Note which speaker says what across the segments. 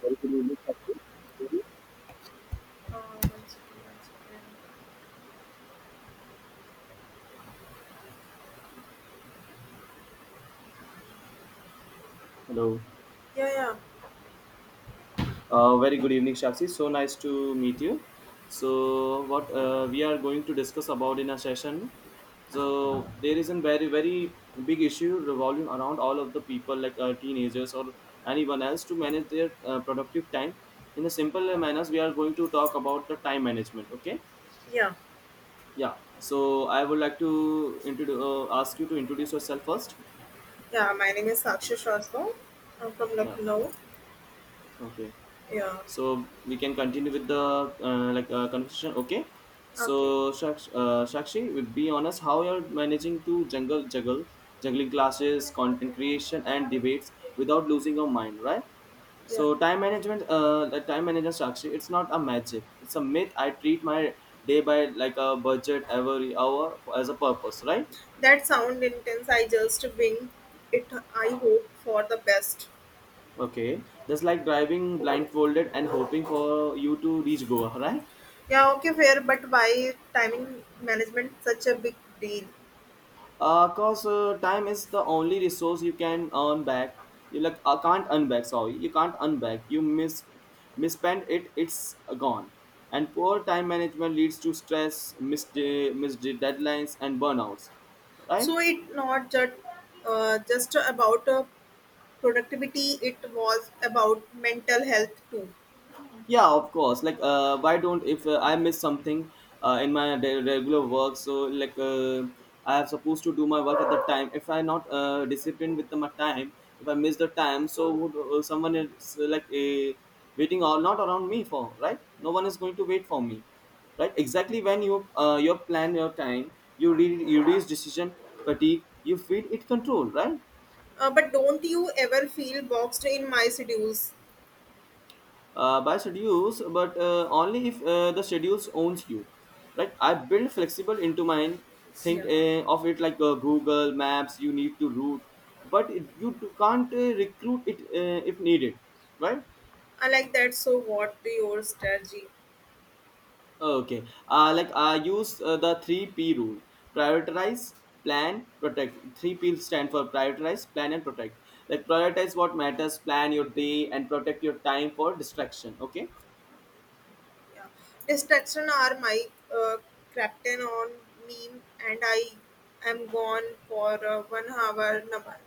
Speaker 1: Very good evening, Sakshi.
Speaker 2: One second, one second.
Speaker 1: Hello. Very good evening, Shakshi. So nice to meet you. So what we are going to discuss about in a session. So there is a very big issue revolving around all of the people like teenagers or anyone else to manage their productive time in a simple manners. We are going to talk about the time management. Okay.
Speaker 2: Yeah,
Speaker 1: Yeah. So I would like to introduce ask you to introduce yourself first.
Speaker 2: yeah. My name is Sakshi
Speaker 1: Yes.
Speaker 2: Shrestha. I'm from
Speaker 1: Yeah.
Speaker 2: Lucknow.
Speaker 1: Okay.
Speaker 2: Yeah.
Speaker 1: So we can continue with the conversation. Okay,
Speaker 2: Okay.
Speaker 1: so sakshi would be honest how you're managing to jungle juggle juggling classes, content creation, and debates without losing your mind, right?
Speaker 2: Yeah.
Speaker 1: So time management, the time management structure, it's not a magic. It's a myth. I treat my day by like a budget, every hour as a purpose, right?
Speaker 2: That sound intense. I just wing it. I hope for the best.
Speaker 1: Okay. Just like driving blindfolded and hoping for you to reach Goa, right?
Speaker 2: Yeah. Okay. Fair. But why timing management such a big deal?
Speaker 1: Cause time is the only resource you can earn back. You can't earn back. Sorry, you can't earn back. You misspend it. It's gone. And poor time management leads to stress, missed deadlines, and burnouts, right?
Speaker 2: So it not just just about productivity. It was about mental health too.
Speaker 1: Yeah, of course. Why don't if I miss something in my regular work? So I am supposed to do my work at the time. If I not disciplined with my time, if I miss the time, so would someone is, waiting or not around me for? Right, no one is going to wait for me, right? Exactly. When you you plan your time, you you reach decision fatigue. You feel it control, right?
Speaker 2: But don't you ever feel boxed in my schedules?
Speaker 1: By schedules, but only if the schedules owns you. Right? I build flexible into mine. Think
Speaker 2: Yeah.
Speaker 1: of it like Google Maps. You need to route, but it, you can't recruit it if needed. Right?
Speaker 2: I like that. So, what do your strategy?
Speaker 1: Okay. Like I use the three P rule: prioritize, plan, protect. Three P stand for prioritize, plan, and protect. Like
Speaker 2: Okay.
Speaker 1: prioritize what matters, plan your day, and protect your time for distraction. Okay.
Speaker 2: Yeah, distraction are my uh, captain on meme, and I am gone for one hour. Number.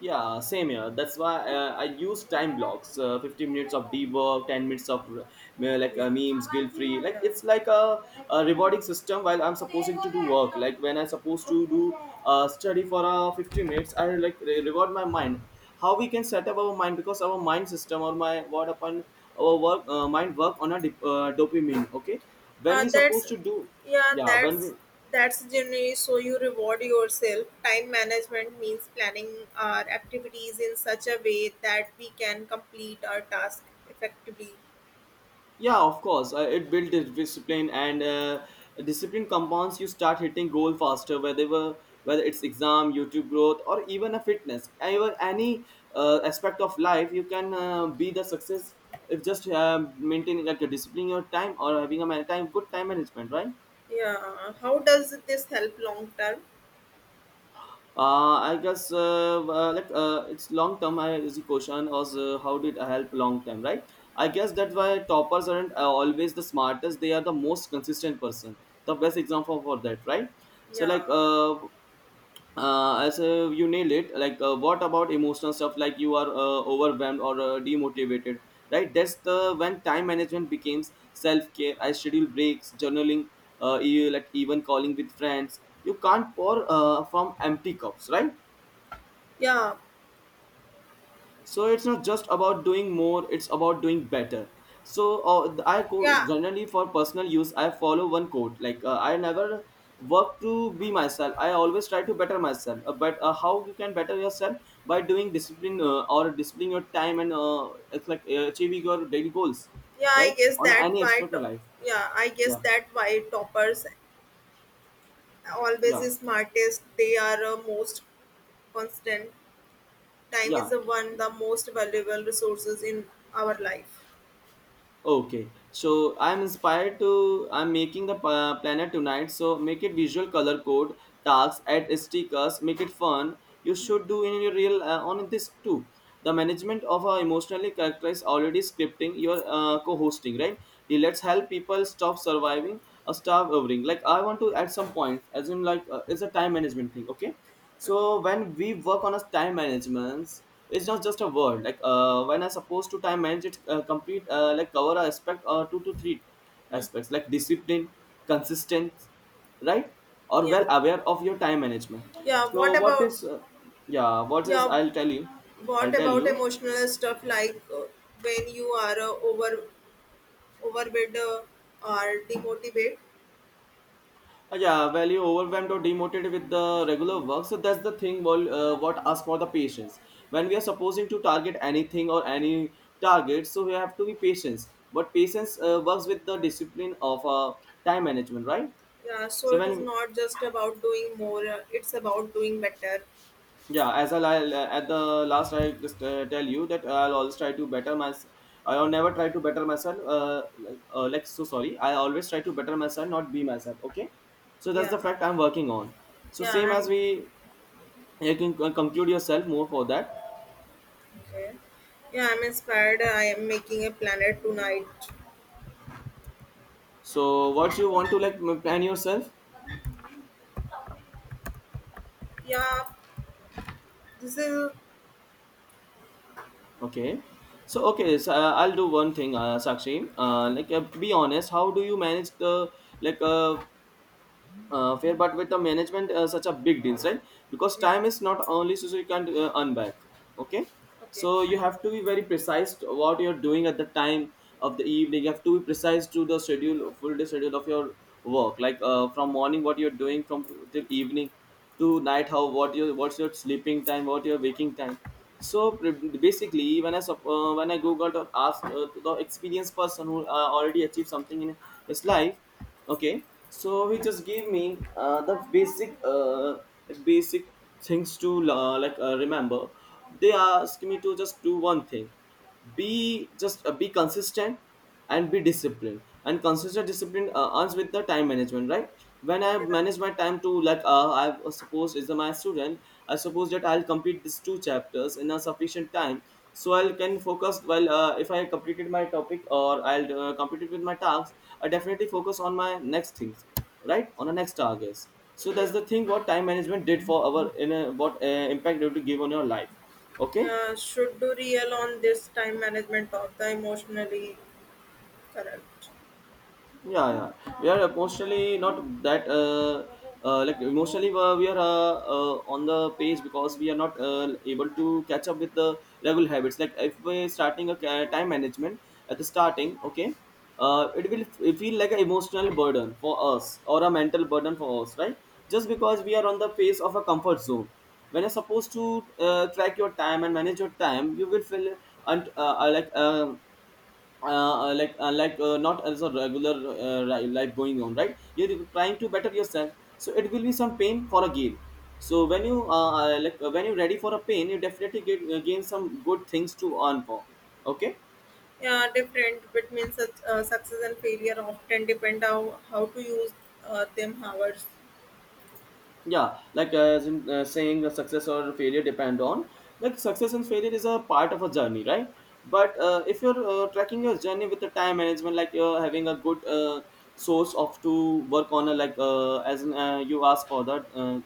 Speaker 1: Yeah, same here. That's why I use time blocks. 15 minutes of deep work, 10 minutes of
Speaker 2: Yeah,
Speaker 1: memes, guilt free. Like
Speaker 2: yeah.
Speaker 1: it's like a rewarding system while I'm supposed to do work. Like when I'm supposed to do study for 15 minutes, I like reward my mind. How we can set up our mind, because our mind system or my what upon our work mind work on a dopamine. Okay, when
Speaker 2: Uh,
Speaker 1: we
Speaker 2: that's
Speaker 1: supposed to do,
Speaker 2: yeah.
Speaker 1: yeah, when
Speaker 2: That's
Speaker 1: we,
Speaker 2: that's generally so you reward yourself. Time management means planning our activities in such a way that we can complete our task effectively.
Speaker 1: yeah, of course. It builds discipline, and discipline compounds. You start hitting goal faster, whether it's exam, YouTube growth, or even a fitness, even any aspect of life. You can be the success if just maintaining like a discipline your time or having a time good time management, right?
Speaker 2: Yeah. How does this help long term?
Speaker 1: I guess it's long term. I is the question was how did I help long term, right? I guess that's why toppers aren't always the smartest. They are the most consistent person. The best example for that, right? So like
Speaker 2: Yeah.
Speaker 1: as you nail it. Like what about emotional stuff? Like you are overwhelmed or demotivated, right? That's the when time management becomes self care. I schedule breaks, journaling, like even calling with friends. You can't pour from empty cups, right?
Speaker 2: Yeah.
Speaker 1: So it's not just about doing more, it's about doing better. So
Speaker 2: Yeah.
Speaker 1: generally for personal use, I follow one quote, I never work to be myself, I always try to better myself. But how you can better yourself? By doing discipline or disciplining your time, and it's like achieving your daily goals
Speaker 2: yeah i
Speaker 1: right
Speaker 2: guess
Speaker 1: on
Speaker 2: that
Speaker 1: any
Speaker 2: why
Speaker 1: aspect of
Speaker 2: to-
Speaker 1: life.
Speaker 2: yeah, I guess
Speaker 1: Yeah,
Speaker 2: that why toppers always
Speaker 1: yeah,
Speaker 2: is smartest. They are most constant. Time is
Speaker 1: yeah.
Speaker 2: the one the most valuable resources in our life.
Speaker 1: Okay, so I'm inspired to. I'm making the planner tonight, so make it visual, color code, tags, add stickers, make it fun. You should do in your real on this too. The management of our emotionally characterized already scripting your co-hosting, right? The let's help people stop surviving or starve overing. Like I want to add some points, as in like it's a time management thing. Okay,
Speaker 2: Okay.
Speaker 1: so when we work on a time management, it's not just a word. When I supposed to time manage it, complete, like cover a aspect or two to three
Speaker 2: Hmm.
Speaker 1: aspects, like discipline, consistent, right? Or
Speaker 2: yeah
Speaker 1: well aware of your time management.
Speaker 2: yeah what
Speaker 1: So what
Speaker 2: about
Speaker 1: is yeah, what is,
Speaker 2: yeah,
Speaker 1: I'll tell you, I'll
Speaker 2: what
Speaker 1: tell
Speaker 2: about
Speaker 1: you.
Speaker 2: emotional stuff like when you are overwhelmed or demotivated?
Speaker 1: Yeah, value overwhelmed or demotivated with the regular work, so that's the thing. Well, what ask for the patience when we are supposing to target anything or any target, so we have to be patient. But patience works with the discipline of time management, right?
Speaker 2: Yeah, so
Speaker 1: So
Speaker 2: it is
Speaker 1: when,
Speaker 2: not just about doing more, it's about doing better.
Speaker 1: yeah, as I at the last, I just tell you that I'll always try to better myself. I'll never try to better myself. So sorry. I always try to better myself, not be myself. Okay, so that's
Speaker 2: Yeah
Speaker 1: the fact I'm working on. So
Speaker 2: yeah
Speaker 1: same as
Speaker 2: I'm
Speaker 1: we, you can conclude yourself more for that.
Speaker 2: Okay. Yeah, I'm inspired. I am making a planet tonight.
Speaker 1: So what you want to like plan yourself?
Speaker 2: Yeah, this is.
Speaker 1: Okay, so okay, so I'll do one thing, sakshi, be honest, how do you manage the, like uh, fair but with the management such a big deal, right? Because
Speaker 2: Yeah,
Speaker 1: time is not only so you can't earn back. Okay,
Speaker 2: okay.
Speaker 1: so you have to be very precise to what you're doing at the time of the evening. You have to be precise to the schedule, full day schedule of your work, from morning what you're doing from till evening to night, how what your what's your sleeping time, what your waking time. So basically when I when I googled or asked to the experienced person who already achieved something in his life. Okay, so he
Speaker 2: Yeah,
Speaker 1: just gave me the basic basic things to remember. They asked me to just do one thing, be just be consistent and be disciplined, and consistent discipline earns with the time management, right? When I
Speaker 2: you're right.
Speaker 1: manage my time to I suppose is my student, I suppose that I'll complete these two chapters in a sufficient time so I can focus well. If I completed my topic, or I'll complete it with my tasks, I definitely focus on my next things, right, on the next targets. So that's
Speaker 2: Yeah.
Speaker 1: the thing what time management did for our in a, what impact it would give on your life. Okay.
Speaker 2: Yeah, should do real on this time management of the emotionally correct.
Speaker 1: Yeah, yeah. We are emotionally not that, emotionally we are, on the page, because we are not able to catch up with the level habits. Like if we're starting a time management at the starting, okay, it will feel like an emotional burden for us or a mental burden for us, right? Just
Speaker 2: Yeah,
Speaker 1: because we are on the face of a comfort zone. When you're supposed to track your time and manage your time, you will feel un- uh, like not as a regular life going on, right? You're trying to better yourself, so it will be some pain for a gain. So when you when you're ready for a pain, you definitely get gain some good things to earn for. Okay.
Speaker 2: yeah, different between such, success and failure often depend on how to use them hours.
Speaker 1: Yeah, as in saying the success or failure depend on, like success and failure is a part of a journey, right? But if you're tracking your journey with the time management, like you're having a good source of to work on a, you ask for that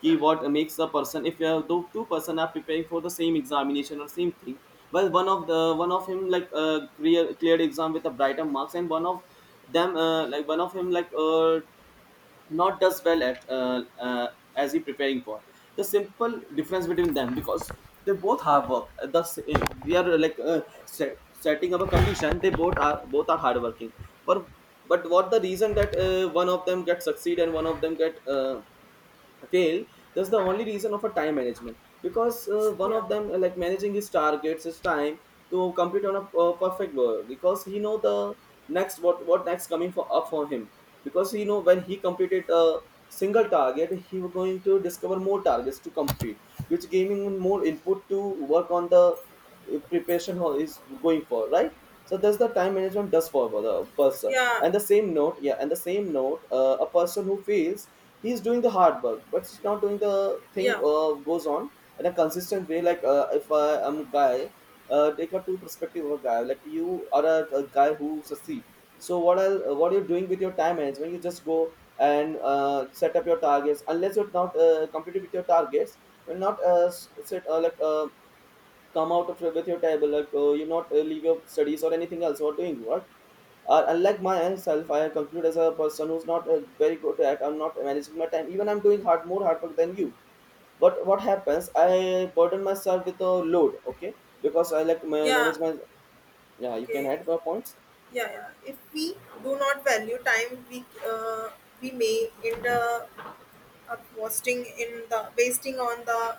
Speaker 1: key, what makes a person if you have though two-person are preparing for the same examination or same thing. Well, one of him cleared exam with a brighter marks, and one of them one of him not does well at as he preparing for. The simple difference between them, because they both have work. Thus we are like set, Setting up a condition, they both are hardworking for, but what the reason that one of them get succeed and one of them get fail? That's the only reason of a time management. Because one
Speaker 2: Yeah,
Speaker 1: of them, like, managing his targets, his time to complete on a perfect world, because he know the next, what next coming for up for him. Because he know when he completed a single target, he was going to discover more targets to complete, which giving him more input to work on the preparation is going for, right? So that's the time management does for the person.
Speaker 2: yeah,
Speaker 1: And the same note, yeah, and the same note, a person who fails, he's doing the hard work, but he's not doing the thing
Speaker 2: yeah,
Speaker 1: goes on in a consistent way. Like, if I am a guy, take a two perspective of a guy, like you are a guy who succeed. So what are what you're doing with your time management? You just go and set up your targets. Unless you're not completed with your targets, you're not set, like, come out of with your table, like, you not leave your studies or anything else. You are doing what, unlike myself. I conclude as a person who's not very good at, I'm not managing my time, even I'm doing hard, more hard work than you. But what happens, I burden myself with a load, okay? Because I like
Speaker 2: yeah.
Speaker 1: manage my, yeah, you can
Speaker 2: Okay,
Speaker 1: add the points.
Speaker 2: yeah. If we do not value time, we we may end up wasting in the wasting on the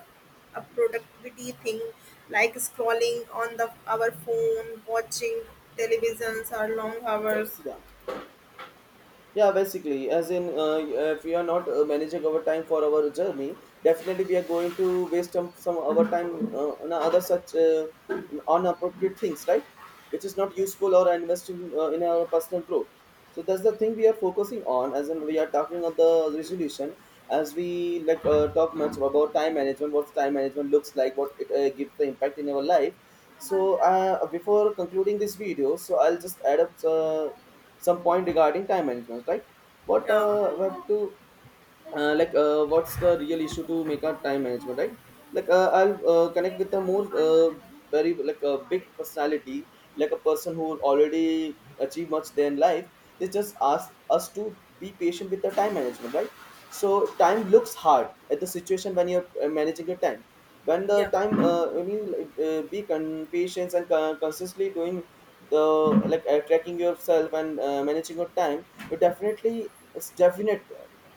Speaker 2: a productivity thing, like scrolling on the our phone, watching televisions or long hours.
Speaker 1: Yeah. Yeah, basically, as in, if we are not managing our time for our journey, definitely we are going to waste some our time on other such, on appropriate things, right? Which is not useful or investing in our personal growth. So that's the thing we are focusing on, as in we are talking of the resolution. As we like, talk much about time management, what time management looks like, what it gives the impact in our life. So before concluding this video, so I'll just add up some point regarding time management, right? But
Speaker 2: Yeah.
Speaker 1: we have to, like, what's the real issue to make our time management right? Like, I'll connect with a more, very like a big personality, like a person who already achieved much their life. They just ask us to be patient with the time management, right? So time
Speaker 2: You know,
Speaker 1: looks hard at the situation when you're managing your time. When the
Speaker 2: yeah
Speaker 1: time, when you like, be patient and consistently doing the, like, tracking yourself and managing your time, you definitely, it's definite,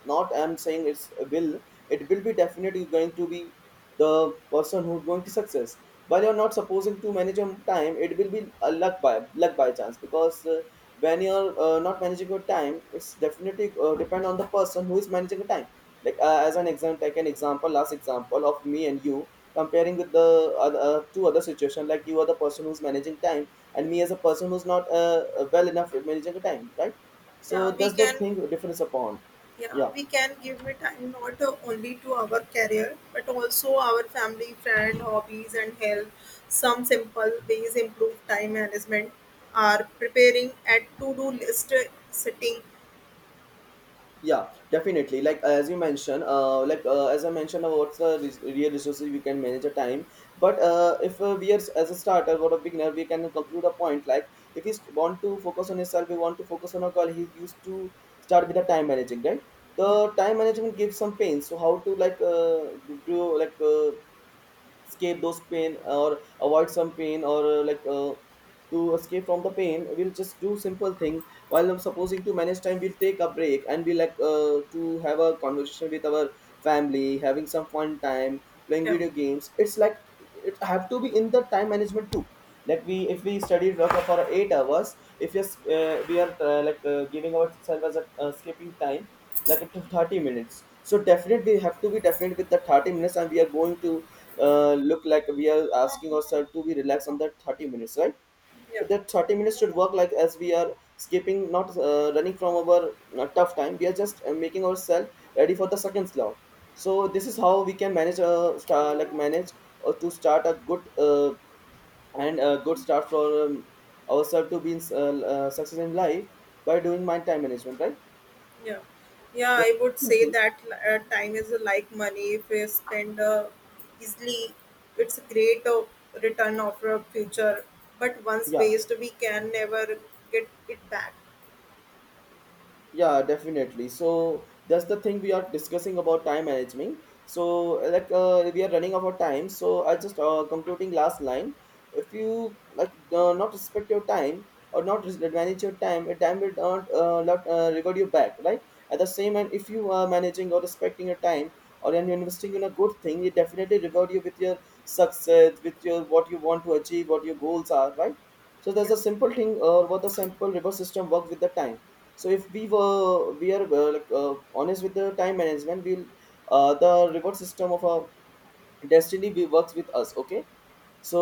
Speaker 1: not I'm saying it's will, it will be definitely going to be the person who's going to success. While you're not supposing to manage your time, it will be a luck by luck, by chance. Because when you're not managing your time, it's definitely depend on the person who is managing the time. Like, as an example, take an example, last example of me and you, comparing with the other, two other situation, like you are the person who's managing time and me as a person who's not well enough at managing the time, right? So
Speaker 2: yeah we
Speaker 1: that's the
Speaker 2: can
Speaker 1: thing difference upon.
Speaker 2: yeah,
Speaker 1: Yeah.
Speaker 2: we can give it time not only to our career but also our family, friend, hobbies and health. Some simple ways improve time management are preparing at to-do list, setting.
Speaker 1: Yeah, definitely, like, as you mentioned, like, as I mentioned about what's the real resources we can manage a time. But if we are as a starter or a beginner, we can conclude a point like, if we want to focus on himself, we want to focus on a call, he used to start with the time managing, right? The time management gives some pain, so how to, like, do, like, escape those pain or avoid some pain or, like, to escape from the pain, we'll just do simple thing. While I'm supposing to manage time, we'll take a break and be like, to have a conversation with our family, having some fun time, playing
Speaker 2: yeah
Speaker 1: video games. It's like, it have to be in the time management too. Like, we, if we study work for 8 hours, if yes, we are, like, giving ourselves as a skipping time, like up to 30 minutes. So definitely we have to be definite with the 30 minutes, and we are going to, look like we are asking ourselves to be relaxed on that 30 minutes, right?
Speaker 2: yeah
Speaker 1: So that 30 minutes should work like as we are skipping, not running from our tough time. We are just making ourselves ready for the second slot. So this is how we can manage, like manage, or to start a good, and a good start for, ourselves to be in, success in life by doing my time management, right?
Speaker 2: Yeah, yeah,
Speaker 1: The
Speaker 2: I would
Speaker 1: second
Speaker 2: say
Speaker 1: thing.
Speaker 2: that time is like money. If you spend easily, it's a great return of your future. But once
Speaker 1: Yeah.
Speaker 2: waste, we can never get it back.
Speaker 1: Yeah, definitely. So that's the thing we are discussing about time management. So like, we are running out of time. So I just, concluding last line. If you like, not respect your time or not manage your time will not, not reward you back, right? At the same time, if you are managing or respecting your time or and you're investing in a good thing, it definitely reward you with your success, with your what you want to achieve, what your goals are, right? So there's
Speaker 2: Yeah,
Speaker 1: a simple thing or what the simple reverse system work with the time. So if we were, we are, like, honest with the time management, we'll, the reward system of our destiny, we works with us, okay?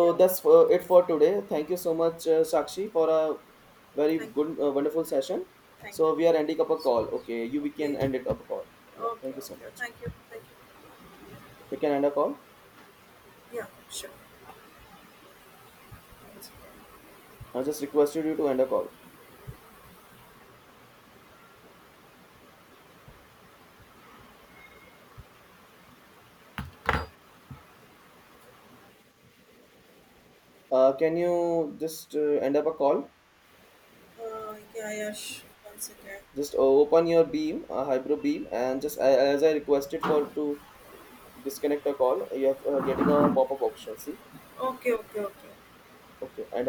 Speaker 2: yeah.
Speaker 1: that's for it for today. Thank you so much, Sakshi, for a very
Speaker 2: Thank
Speaker 1: good,
Speaker 2: you,
Speaker 1: wonderful session.
Speaker 2: thank you, thank you,
Speaker 1: So we are ending up a
Speaker 2: thank
Speaker 1: call, okay? You, we can
Speaker 2: you so much. Okay,
Speaker 1: end it up a call. Yeah,
Speaker 2: okay,
Speaker 1: thank you so
Speaker 2: okay.
Speaker 1: much.
Speaker 2: Thank you.
Speaker 1: We can end a call.
Speaker 2: Yeah, sure.
Speaker 1: I just requested you to end a call. Can you just end up a call?
Speaker 2: Yeah. Sure. Once
Speaker 1: Just open your beam, hybrid beam, and just as I requested for to disconnect a call, you have getting a pop-up option. See,
Speaker 2: okay.
Speaker 1: okay, and